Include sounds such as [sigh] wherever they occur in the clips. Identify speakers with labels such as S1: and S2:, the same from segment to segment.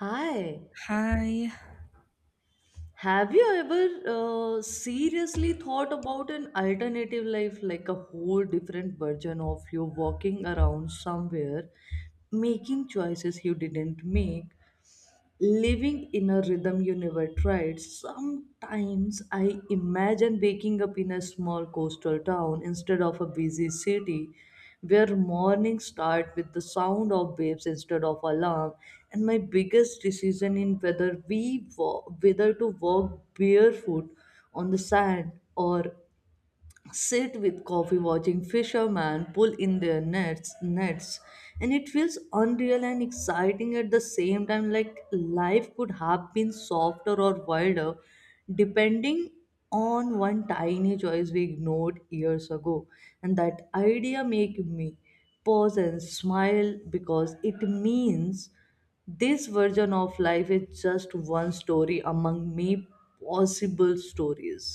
S1: Hi,
S2: Hi.
S1: have you ever seriously thought about an alternative life, like a whole different version of you walking around somewhere, making choices you didn't make, living in a rhythm you never tried. Sometimes I imagine waking up in a small coastal town instead of a busy city, where mornings start with the sound of waves instead of alarm, and my biggest decision in whether to walk barefoot on the sand or sit with coffee watching fishermen pull in their nets, and it feels unreal and exciting at the same time, like life could have been softer or wilder depending on one tiny choice we ignored years ago. And that idea make me pause and smile, because it means this version of life is just one story among many possible stories.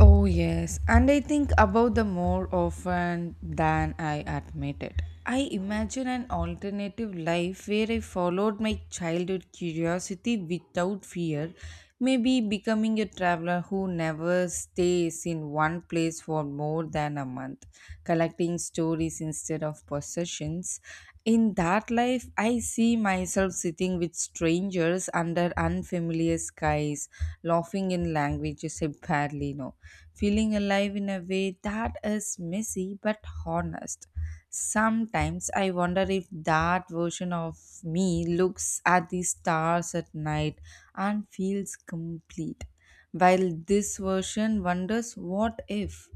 S2: Oh, yes. And I think about them more often than I admit it. I imagine an alternative life where I followed my childhood curiosity without fear, maybe becoming a traveler who never stays in one place for more than a month, collecting stories instead of possessions. In that life, I see myself sitting with strangers under unfamiliar skies, laughing in languages I barely know, feeling alive in a way that is messy but honest. Sometimes I wonder if that version of me looks at the stars at night and feels complete, while this version wonders what if.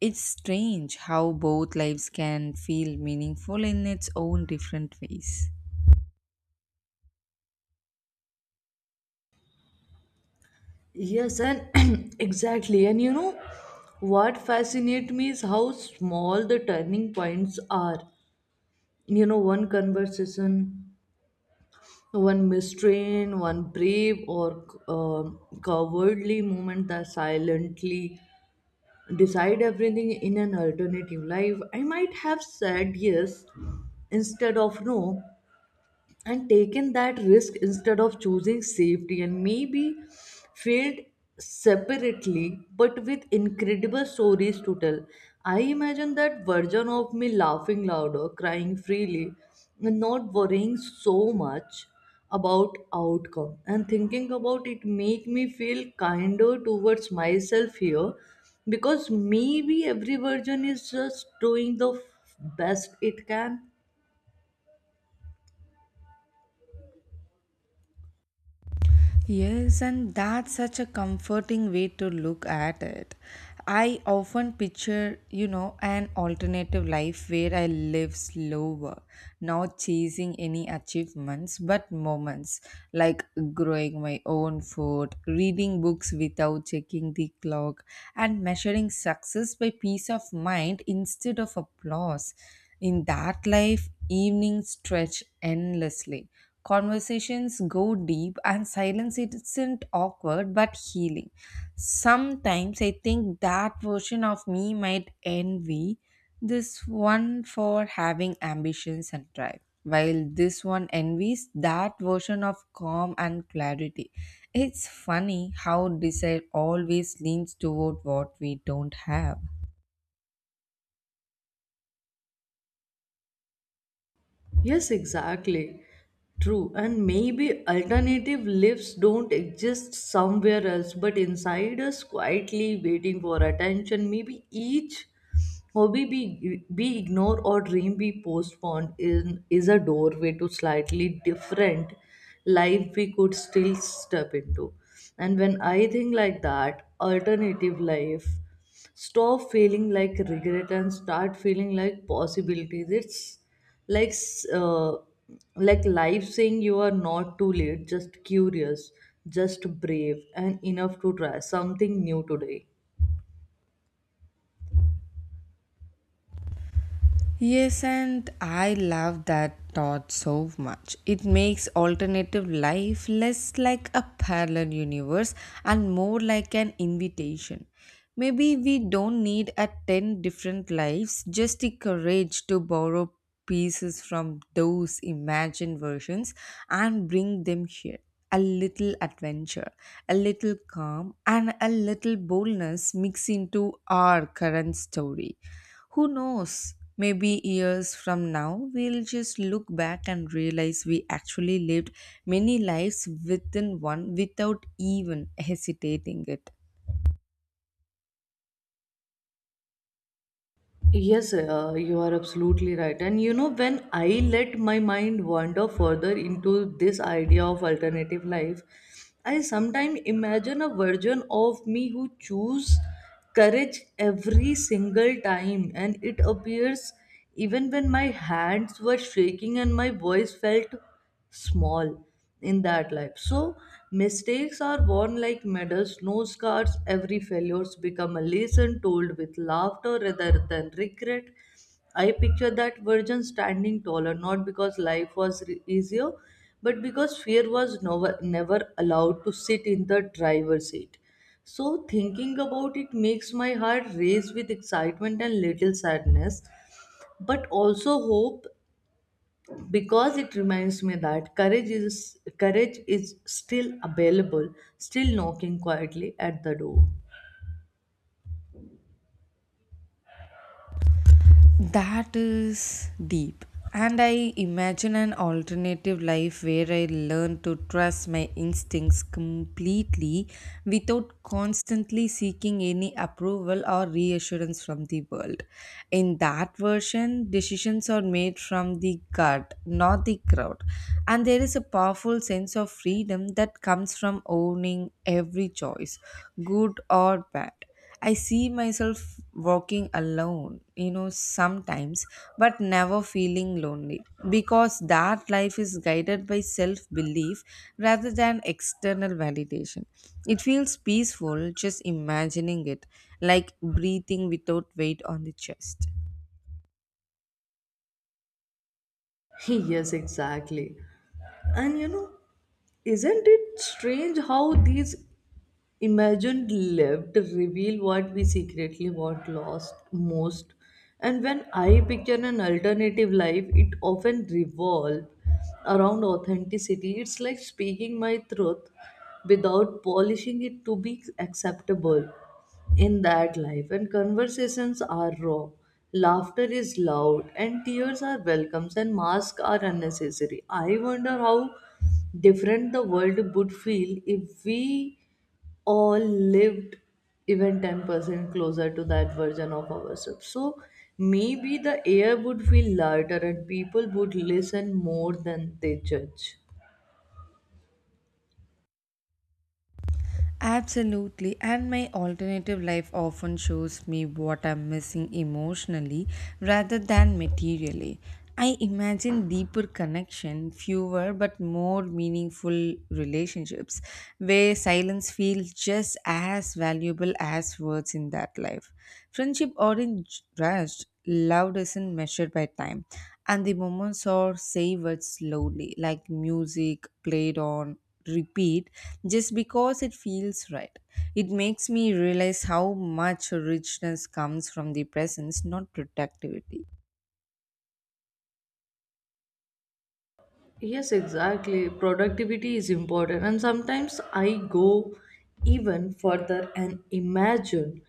S2: It's strange how both lives can feel meaningful in its own different ways.
S1: Yes, and [clears throat] exactly. And you know what fascinates me is how small the turning points are. You know, one conversation, one mistrain, one brave or cowardly moment that silently decide everything in an alternative life. I might have said yes instead of no and taken that risk instead of choosing safety, and maybe failed separately but with incredible stories to tell. I imagine that version of me laughing louder, crying freely, and not worrying so much about outcome. And thinking about it make me feel kinder towards myself here, because maybe every version is just doing the best it can.
S2: Yes, and that's such a comforting way to look at it. I often picture, an alternative life where I live slower, not chasing any achievements but moments, like growing my own food, reading books without checking the clock, and measuring success by peace of mind instead of applause. In that life, evenings stretch endlessly. Conversations go deep, and silence isn't awkward but healing. Sometimes I think that version of me might envy this one for having ambitions and drive, while this one envies that version of calm and clarity. It's funny how desire always leans toward what we don't have.
S1: Yes, exactly. True. And maybe alternative lives don't exist somewhere else, but inside us quietly waiting for attention. Maybe each hobby be ignored or dream be postponed in, is a doorway to slightly different life we could still step into. And when I think like that, alternative life stop feeling like regret and start feeling like possibilities. It's like like life saying you are not too late, just curious, just brave and enough to try something new today.
S2: Yes, and I love that thought so much. It makes alternative life less like a parallel universe and more like an invitation. Maybe we don't need a 10 different lives, just the courage to borrow pieces from those imagined versions and bring them here. A little adventure, a little calm, and a little boldness mixed into our current story. Who knows? Maybe years from now, we'll just look back and realize we actually lived many lives within one without even hesitating it.
S1: Yes, you are absolutely right. And you know, when I let my mind wander further into this idea of alternative life, I sometimes imagine a version of me who choose courage every single time, and it appears even when my hands were shaking and my voice felt small in that life. So mistakes are worn like medals, no scars. Every failures become a lesson told with laughter rather than regret. I picture that virgin standing taller, not because life was easier, but because fear was never, never allowed to sit in the driver's seat. So thinking about it makes my heart race with excitement and little sadness, but also hope, because it reminds me that courage is still available, still knocking quietly at the door.
S2: That is deep. And I imagine an alternative life where I learn to trust my instincts completely without constantly seeking any approval or reassurance from the world. In that version, decisions are made from the gut, not the crowd. And there is a powerful sense of freedom that comes from owning every choice, good or bad. I see myself walking alone, sometimes, but never feeling lonely because that life is guided by self belief rather than external validation. It feels peaceful just imagining it, like breathing without weight on the chest.
S1: [laughs] Yes, exactly. And you know, isn't it strange how these imagined lived reveal what we secretly want lost most. And when I picture an alternative life, it often revolves around authenticity. It's like speaking my truth without polishing it to be acceptable. In that life, and conversations are raw, laughter is loud, and tears are welcomes, and masks are unnecessary. I wonder how different the world would feel if we all lived even 10% closer to that version of ourselves. So maybe the air would feel lighter and people would listen more than they judge.
S2: Absolutely, and my alternative life often shows me what I'm missing emotionally rather than materially. I imagine deeper connection, fewer but more meaningful relationships where silence feels just as valuable as words in that life. Friendship aren't rushed, love isn't measured by time, and the moments are savored slowly, like music played on repeat just because it feels right. It makes me realize how much richness comes from the presence, not productivity.
S1: Yes, exactly. Productivity is important, and sometimes I go even further and imagine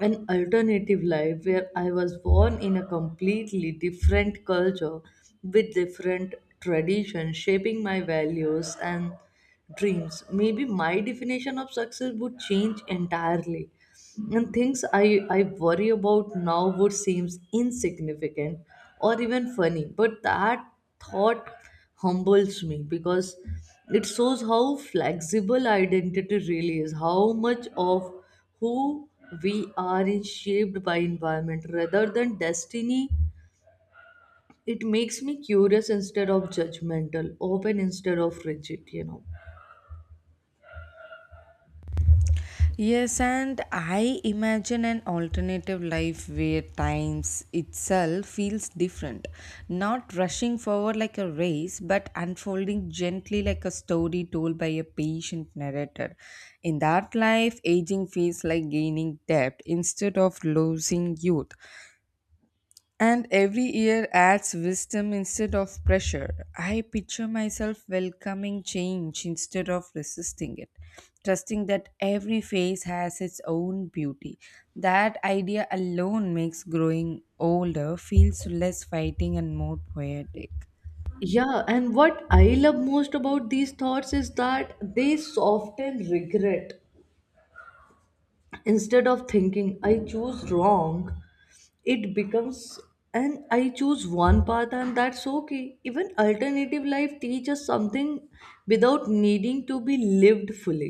S1: an alternative life where I was born in a completely different culture with different traditions, shaping my values and dreams. Maybe my definition of success would change entirely, and things I worry about now would seem insignificant or even funny. But that thought humbles me, because it shows how flexible identity really is, how much of who we are is shaped by environment rather than destiny. It makes me curious instead of judgmental, open instead of rigid, you know.
S2: Yes, and I imagine an alternative life where times itself feels different, not rushing forward like a race, but unfolding gently like a story told by a patient narrator. In that life, aging feels like gaining depth instead of losing youth. And every year adds wisdom instead of pressure. I picture myself welcoming change instead of resisting it, trusting that every phase has its own beauty. That idea alone makes growing older feels less fighting and more poetic.
S1: Yeah, and what I love most about these thoughts is that they soften regret. Instead of thinking I choose wrong, it becomes and I choose one path, and that's okay. Even alternative life teaches something without needing to be lived fully.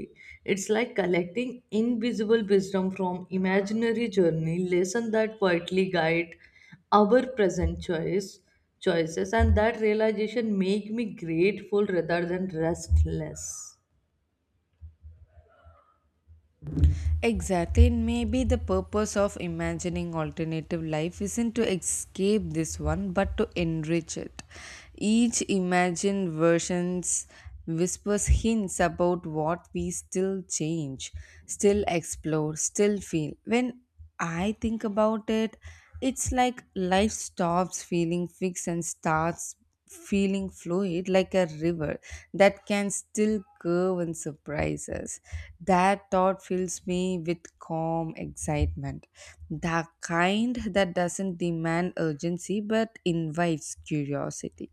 S1: It's like collecting invisible wisdom from imaginary journey lesson that quietly guide our present choices. And that realization make me grateful rather than restless.
S2: Exactly, and maybe the purpose of imagining alternative life isn't to escape this one but to enrich it. Each imagined versions whispers hints about what we still change, still explore, still feel. When I think about it, it's like life stops feeling fixed and starts feeling fluid like a river that can still curve and surprise us. That thought fills me with calm excitement, the kind that doesn't demand urgency but invites curiosity.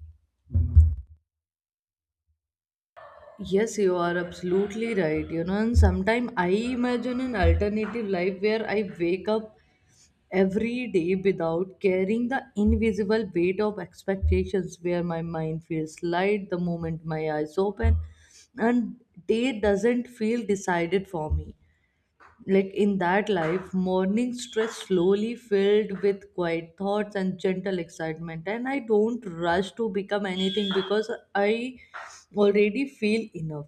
S1: Yes, you are absolutely right. You know, and sometimes I imagine an alternative life where I wake up every day without carrying the invisible weight of expectations, where my mind feels light the moment my eyes open, and day doesn't feel decided for me. Like in that life, morning stress slowly filled with quiet thoughts and gentle excitement, and I don't rush to become anything, because I already feel enough.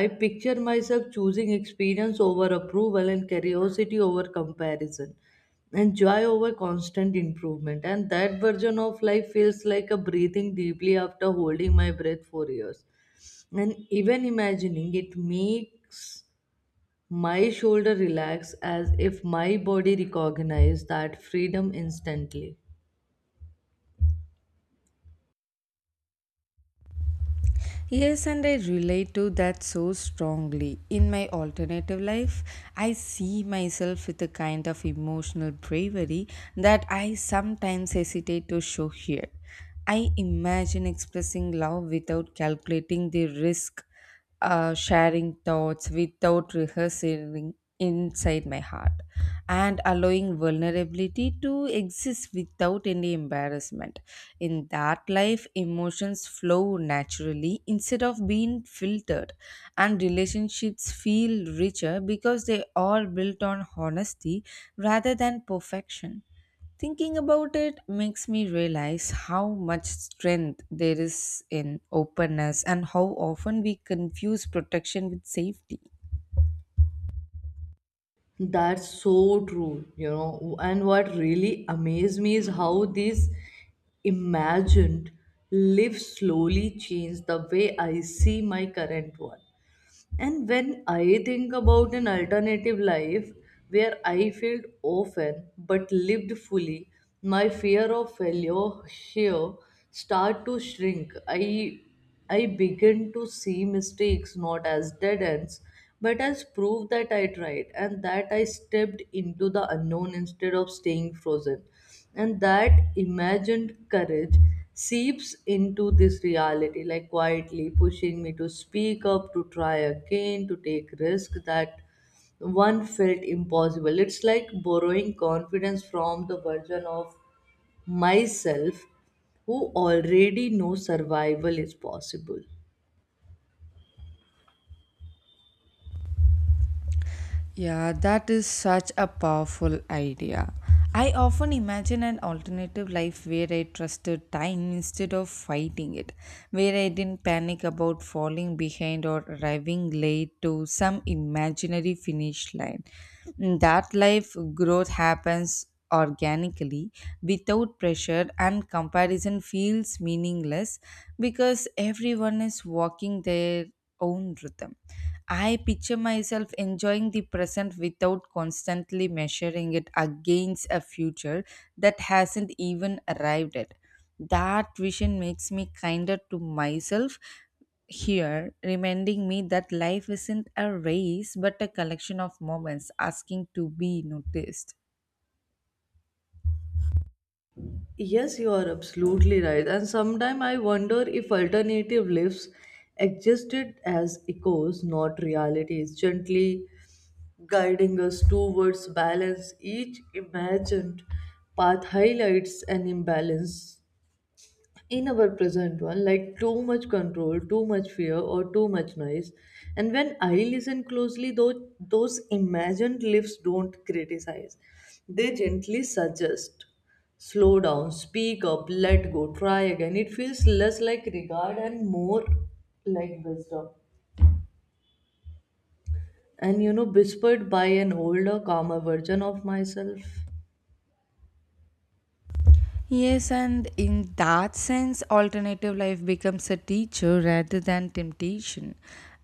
S1: I picture myself choosing experience over approval, and curiosity over comparison, and joy over constant improvement. And that version of life feels like a breathing deeply after holding my breath for years, and even imagining it makes my shoulder relaxed, as if my body recognized that freedom instantly.
S2: Yes, and I relate to that so strongly. In my alternative life, I see myself with a kind of emotional bravery that I sometimes hesitate to show here. I imagine expressing love without calculating the risk, sharing thoughts without rehearsing inside my heart, and allowing vulnerability to exist without any embarrassment. In that life, emotions flow naturally instead of being filtered, and relationships feel richer because they are built on honesty rather than perfection. Thinking about it makes me realize how much strength there is in openness and how often we confuse protection with safety.
S1: That's so true, you know. And what really amazed me is how these imagined live slowly change the way I see my current one. And when I think about an alternative life where I failed often but lived fully, my fear of failure here start to shrink. I begin to see mistakes not as dead ends, but as proof that I tried and that I stepped into the unknown instead of staying frozen. And that imagined courage seeps into this reality, like quietly pushing me to speak up, to try again, to take risk that one felt impossible. It's like borrowing confidence from the version of myself who already knows survival is possible.
S2: Yeah, that is such a powerful idea. I often imagine an alternative life where I trusted time instead of fighting it, where I didn't panic about falling behind or arriving late to some imaginary finish line. In that life, growth happens organically without pressure, and comparison feels meaningless because everyone is walking there own rhythm. I picture myself enjoying the present without constantly measuring it against a future that hasn't even arrived yet. That vision makes me kinder to myself here, reminding me that life isn't a race but a collection of moments asking to be noticed.
S1: Yes, you are absolutely right. And sometimes I wonder if alternative lives existed as echoes, not realities, gently guiding us towards balance. Each imagined path highlights an imbalance in our present one, like too much control, too much fear, or too much noise. And when I listen closely, though, those imagined lips don't criticize, they gently suggest slow down, speak up, let go, try again. It feels less like regard and more like wisdom, and you know, whispered by an older calmer version of myself.
S2: Yes, and in that sense, alternative life becomes a teacher rather than temptation.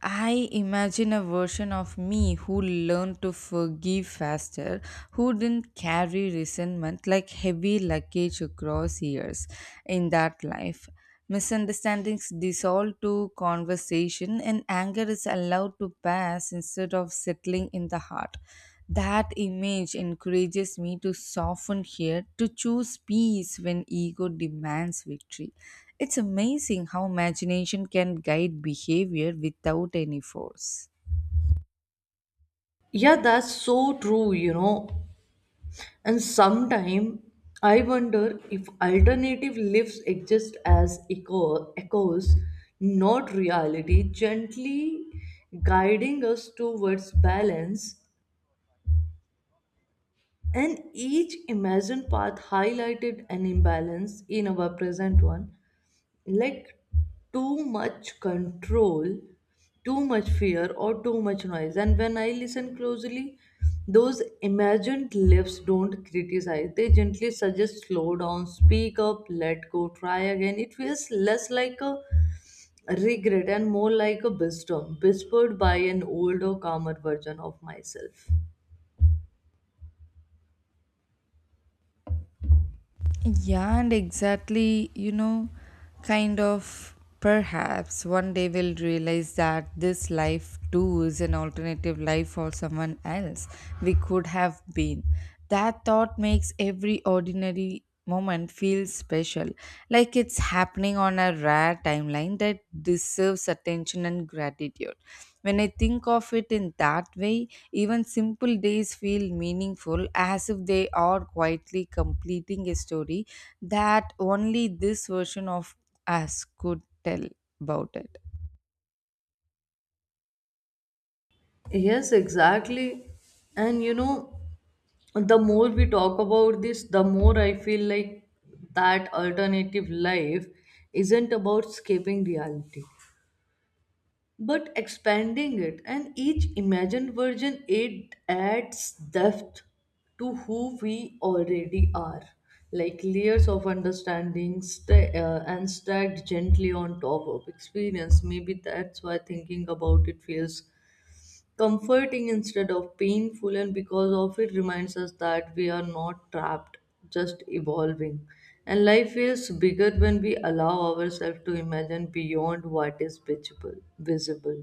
S2: I imagine a version of me who learned to forgive faster, who didn't carry resentment like heavy luggage across years in that life. Misunderstandings dissolve to conversation, and anger is allowed to pass instead of settling in the heart. That image encourages me to soften here, to choose peace when ego demands victory. It's amazing how imagination can guide behavior without any force.
S1: Yeah, that's so true, you know. And sometimes I wonder if alternative lives exist as echoes, not reality, gently guiding us towards balance. And each imagined path highlighted an imbalance in our present one, like too much control, too much fear, or too much noise. And when I listen closely, those imagined lips don't criticize, they gently suggest slow down, speak up, let go, try again. It feels less like a regret and more like a wisdom, whispered by an older calmer version of myself.
S2: Yeah, and exactly, kind of perhaps one day we'll realize that this life too is an alternative life for someone else we could have been. That thought makes every ordinary moment feel special, like it's happening on a rare timeline that deserves attention and gratitude. When I think of it in that way, even simple days feel meaningful as if they are quietly completing a story that only this version of us could tell about it.
S1: Yes, exactly. And you know, the more we talk about this, the more I feel like that alternative life isn't about escaping reality, but expanding it. And each imagined version, it adds depth to who we already are, like layers of understanding sta and stacked gently on top of experience. Maybe that's why thinking about it feels comforting instead of painful, and because of it reminds us that we are not trapped, just evolving. And life is bigger when we allow ourselves to imagine beyond what is visible.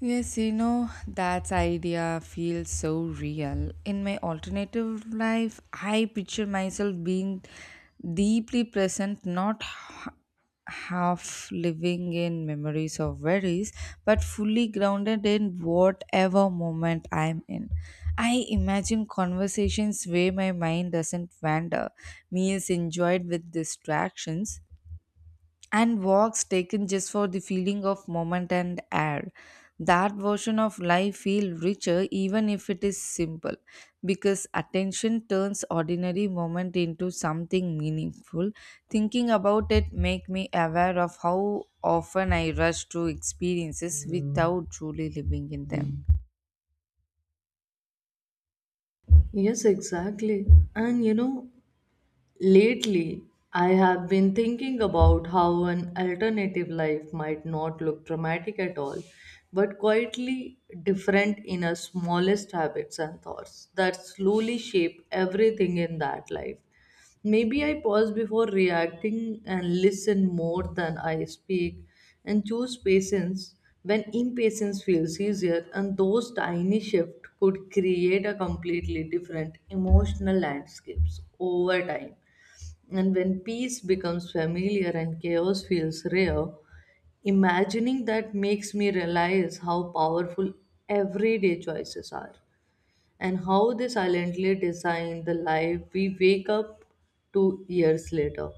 S2: Yes, that idea feels so real. In my alternative life, I picture myself being deeply present, not half living in memories or worries, but fully grounded in whatever moment I'm in. I imagine conversations where my mind doesn't wander, meals enjoyed with distractions, and walks taken just for the feeling of moment and air. That version of life feel richer even if it is simple, because attention turns ordinary moment into something meaningful. Thinking about it make me aware of how often I rush through experiences without truly living in them.
S1: Yes, exactly. And you know, lately, I have been thinking about how an alternative life might not look dramatic at all, but quietly different in our smallest habits and thoughts that slowly shape everything in that life. Maybe I pause before reacting and listen more than I speak, and choose patience when impatience feels easier, and those tiny shifts could create a completely different emotional landscapes over time. And when peace becomes familiar and chaos feels rare, imagining that makes me realize how powerful everyday choices are, and how they silently design the life we wake up to years later.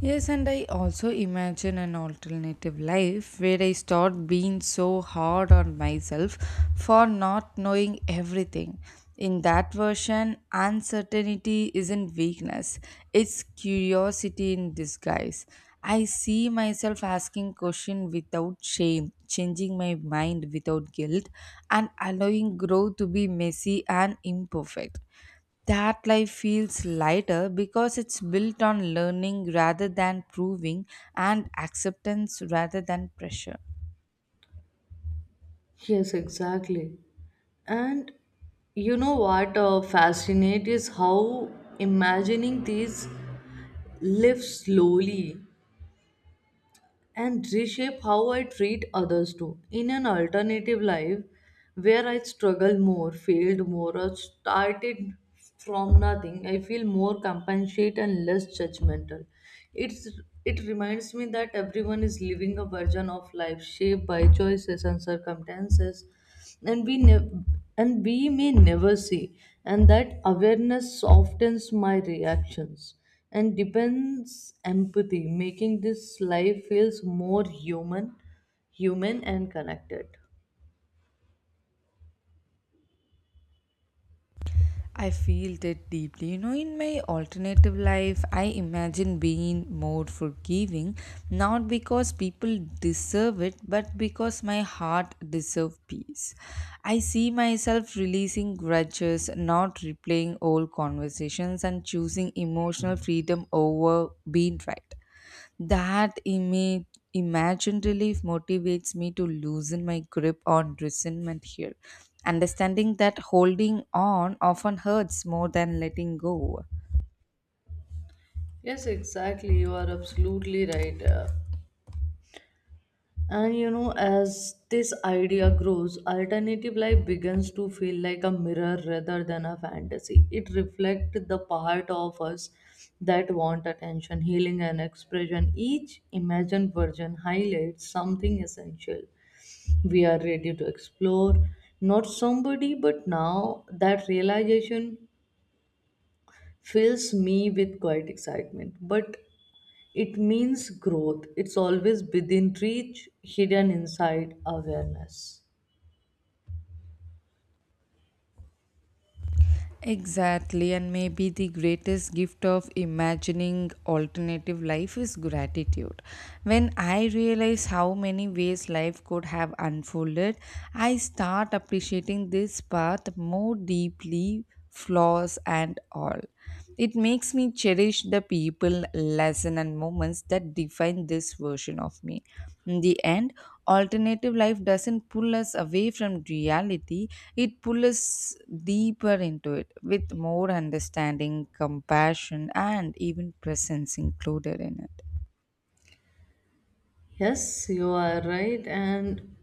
S2: Yes, and I also imagine an alternative life where I start being so hard on myself for not knowing everything. In that version, uncertainty isn't weakness, it's curiosity in disguise. I see myself asking questions without shame, changing my mind without guilt, and allowing growth to be messy and imperfect. That life feels lighter because it's built on learning rather than proving, and acceptance rather than pressure.
S1: Yes, exactly. And you know what fascinates is how imagining these lives slowly and reshape how I treat others too. In an alternative life where I struggled more, failed more, or started from nothing, I feel more compassionate and less judgmental. It's it reminds me that everyone is living a version of life shaped by choices and circumstances and we nev- and we may never see. And that awareness softens my reactions and depends empathy, making this life feels more human and connected.
S2: I feel that deeply. In my alternative life, I imagine being more forgiving, not because people deserve it, but because my heart deserves peace. I see myself releasing grudges, not replaying old conversations, and choosing emotional freedom over being right. That image, imagined relief motivates me to loosen my grip on resentment here, understanding that holding on often hurts more than letting go.
S1: Yes, exactly, you are absolutely right. And you know, as this idea grows, alternative life begins to feel like a mirror rather than a fantasy. It reflects the part of us that want attention, healing, and expression. Each imagined version highlights something essential we are ready to explore. Not somebody, but now that realization fills me with quite excitement. But it means growth. It's always within reach, hidden inside awareness.
S2: Exactly, and maybe the greatest gift of imagining alternative life is gratitude. When I realize how many ways life could have unfolded, I start appreciating this path more deeply, flaws and all. It makes me cherish the people, lesson, and moments that define this version of me. In the end, alternative life doesn't pull us away from reality, it pulls us deeper into it with more understanding, compassion, and even presence included in it.
S1: Yes, you are right. And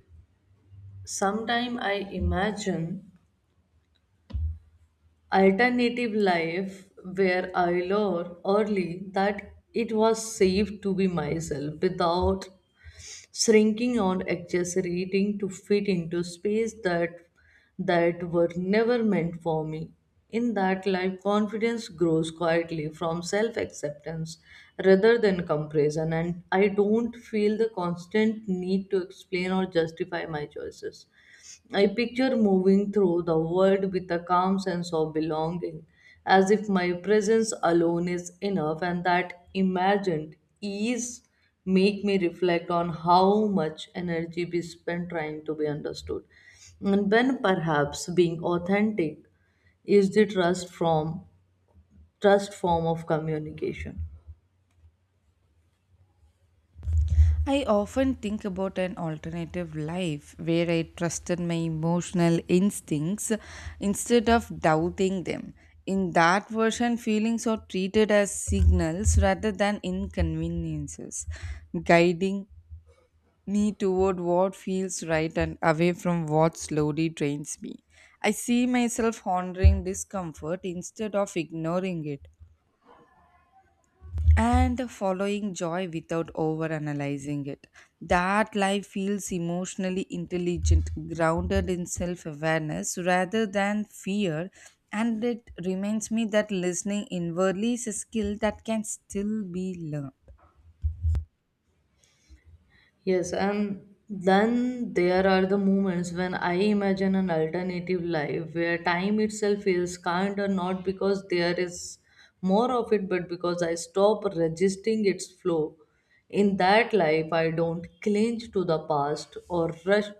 S1: sometime I imagine alternative life where I learned early that it was safe to be myself without shrinking or exaggerating to fit into space that were never meant for me. In that life, confidence grows quietly from self acceptance rather than comparison, and I don't feel the constant need to explain or justify my choices. I picture moving through the world with a calm sense of belonging, as if my presence alone is enough, and that imagined ease make me reflect on how much energy we spend trying to be understood. And when perhaps being authentic is the trust form of communication.
S2: I often think about an alternative life where I trusted my emotional instincts instead of doubting them. In that version, feelings are treated as signals rather than inconveniences, guiding me toward what feels right and away from what slowly drains me. I see myself honoring discomfort instead of ignoring it and following joy without overanalyzing it. That life feels emotionally intelligent, grounded in self awareness rather than fear. And it reminds me that listening inwardly is a skill that can still be learned.
S1: Yes, and then there are the moments when I imagine an alternative life where time itself feels kind or not because there is more of it, but because I stop resisting its flow. In that life, I don't cling to the past or rush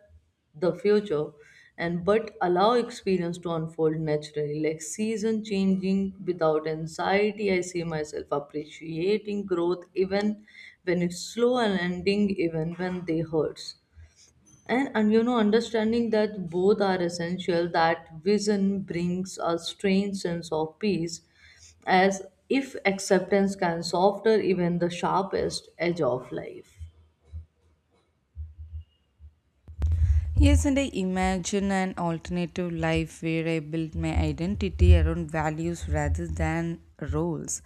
S1: the future and but allow experience to unfold naturally like season changing without anxiety. I see myself appreciating growth even when it's slow and ending even when they hurts and understanding that both are essential. That vision brings a strange sense of peace, as if acceptance can soften even the sharpest edge of life.
S2: Yes, and I imagine an alternative life where I build my identity around values rather than roles.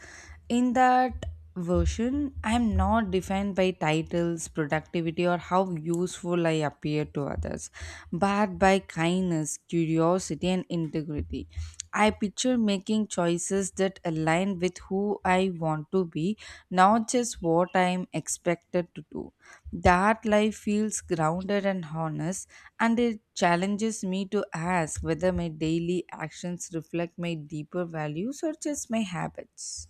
S2: In that version, I am not defined by titles, productivity, or how useful I appear to others, but by kindness, curiosity, and integrity. I picture making choices that align with who I want to be, not just what I am expected to do. That life feels grounded and honest, and it challenges me to ask whether my daily actions reflect my deeper values or just my habits.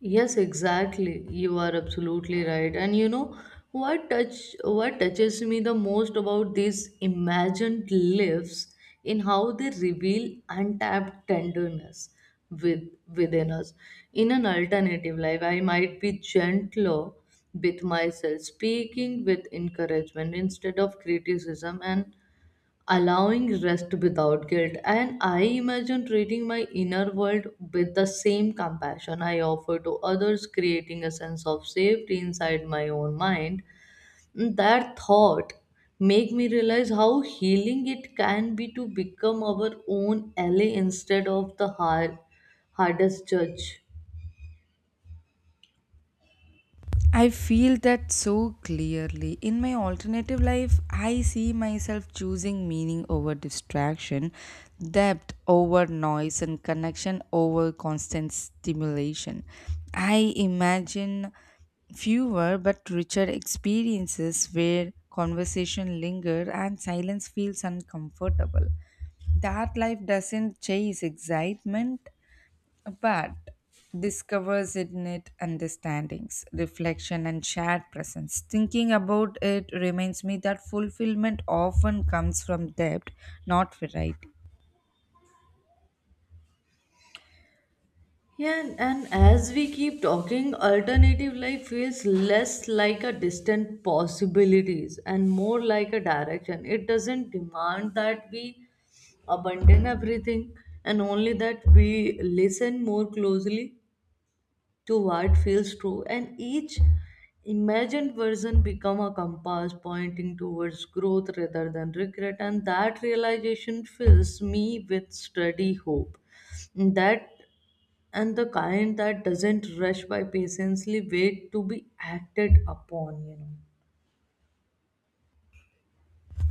S1: Yes, exactly. You are absolutely right. And you know what touch what touches me the most about these imagined lives in how they reveal untapped tenderness with within us. In an alternative life, I might be gentler with myself, speaking with encouragement instead of criticism and allowing rest without guilt, and I imagine treating my inner world with the same compassion I offer to others, creating a sense of safety inside my own mind. That thought make me realize how healing it can be to become our own ally instead of the hardest judge.
S2: I feel that so clearly. In my alternative life, I see myself choosing meaning over distraction, depth over noise, and connection over constant stimulation. I imagine fewer but richer experiences where conversation linger and silence feels uncomfortable. That life doesn't chase excitement but discovers in it understandings, reflection, and shared presence. Thinking about it reminds me that fulfillment often comes from depth, not variety.
S1: Yeah, and as we keep talking, alternative life feels less like a distant possibilities and more like a direction. It doesn't demand that we abandon everything and only that we listen more closely to what feels true, and each imagined version become a compass pointing towards growth rather than regret. And that realization fills me with steady hope, that and the kind that doesn't rush by patiently wait to be acted upon,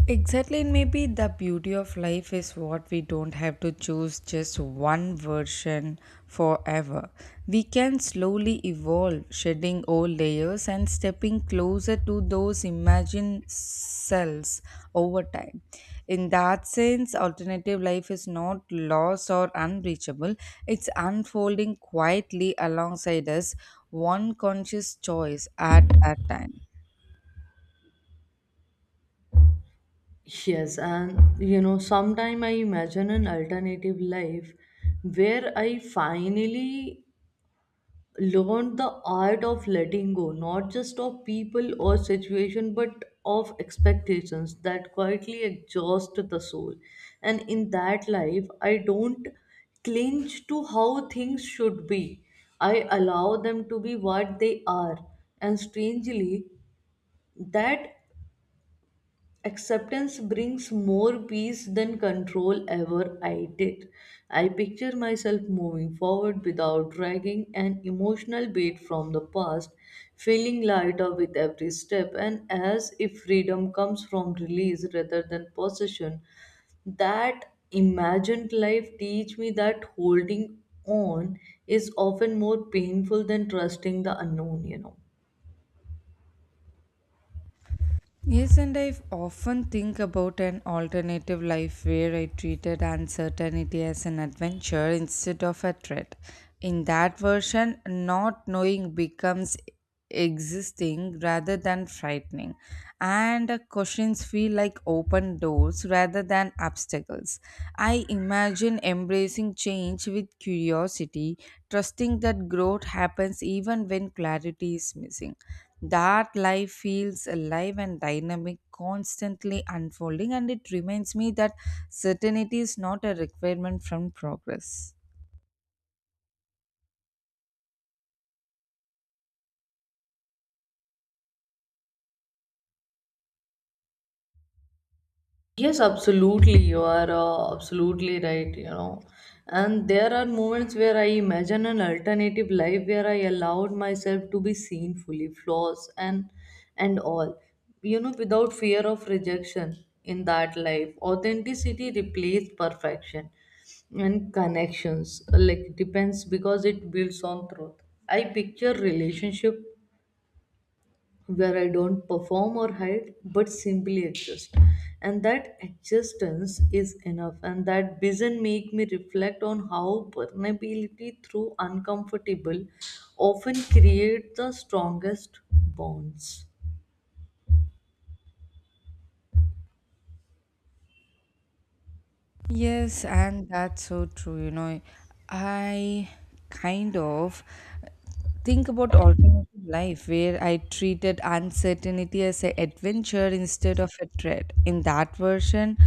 S2: Exactly, and maybe the beauty of life is what we don't have to choose just one version forever. We can slowly evolve, shedding old layers and stepping closer to those imagined selves over time. In that sense, alternative life is not lost or unreachable, it's unfolding quietly alongside us, one conscious choice at a time.
S1: yes, and sometime I imagine an alternative life where I finally learned the art of letting go, not just of people or situation, but of expectations that quietly exhaust the soul. And in that life, I don't cling to how things should be. I allow them to be what they are. And strangely, that acceptance brings more peace than control ever I did. I picture myself moving forward without dragging an emotional weight from the past, feeling lighter with every step, and as if freedom comes from release rather than possession. That imagined life teach me that holding on is often more painful than trusting the unknown,
S2: Yes, and I often think about an alternative life where I treated uncertainty as an adventure instead of a threat. In that version, not knowing becomes existing rather than frightening, and questions feel like open doors rather than obstacles. I imagine embracing change with curiosity, trusting that growth happens even when clarity is missing. That life feels alive and dynamic, constantly unfolding, and it reminds me that certainty is not a requirement from progress.
S1: Yes, absolutely. You are absolutely right, And there are moments where I imagine an alternative life where I allowed myself to be seen fully, flaws and all, without fear of rejection in that life. Authenticity replaced perfection and connections, like depends because it builds on truth. I picture relationship where I don't perform or hide but simply exist. And that existence is enough, and that vision make me reflect on how vulnerability through uncomfortable often create the strongest bonds.
S2: Yes, and that's so true. I kind of. Think about alternative life where I treated uncertainty as an adventure instead of a threat. In that version,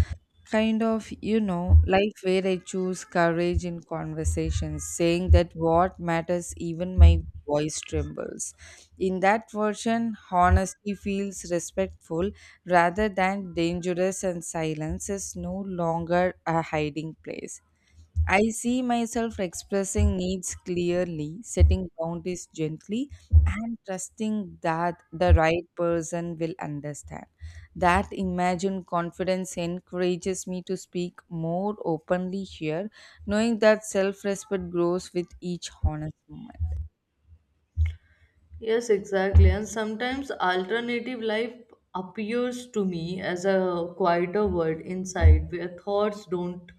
S2: life where I choose courage in conversations, saying that what matters, even my voice trembles. In that version, honesty feels respectful rather than dangerous, and silence is no longer a hiding place. I see myself expressing needs clearly, setting boundaries gently, and trusting that the right person will understand. That imagined confidence encourages me to speak more openly here, knowing that self respect grows with each honest moment.
S1: Yes, exactly. And sometimes alternative life appears to me as a quieter world inside where thoughts don't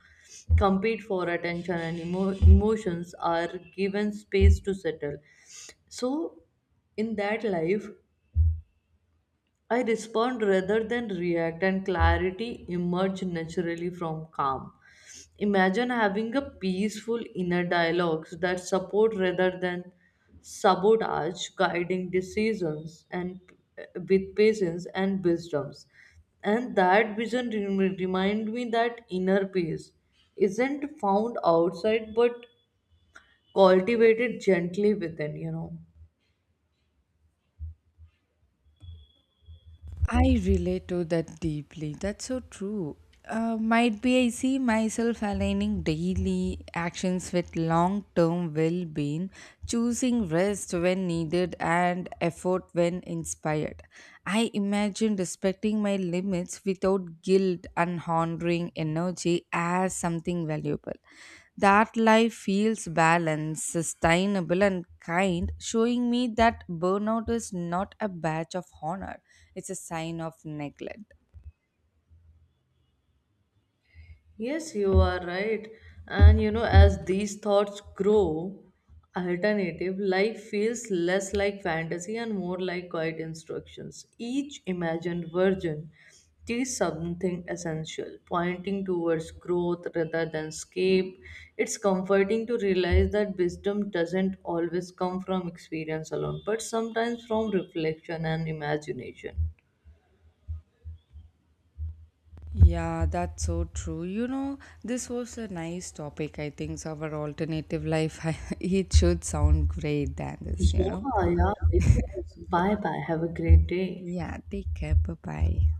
S1: compete for attention and emotions are given space to settle. So, in that life, I respond rather than react, and clarity emerges naturally from calm. Imagine having a peaceful inner dialogue that support rather than sabotage, guiding decisions and with patience and wisdoms. And that vision remind me that inner peace isn't found outside but cultivated gently within,
S2: I relate to that deeply. That's so true. Might be I see myself aligning daily actions with long term well being, choosing rest when needed and effort when inspired. I imagine respecting my limits without guilt and honoring energy as something valuable. That life feels balanced, sustainable, and kind, showing me that burnout is not a badge of honor, it's a sign of neglect.
S1: Yes, you are right. And you know, as these thoughts grow, alternative life feels less like fantasy and more like quiet instructions. Each imagined version teaches something essential, pointing towards growth rather than escape. It's comforting to realize that wisdom doesn't always come from experience alone, but sometimes from reflection and imagination.
S2: Yeah, that's so true. You know, this was a nice topic. I think so our alternative life, [laughs] it should sound great than this.
S1: Yeah, yeah, it was. Bye bye. Have a great day.
S2: Yeah, take care. Bye bye.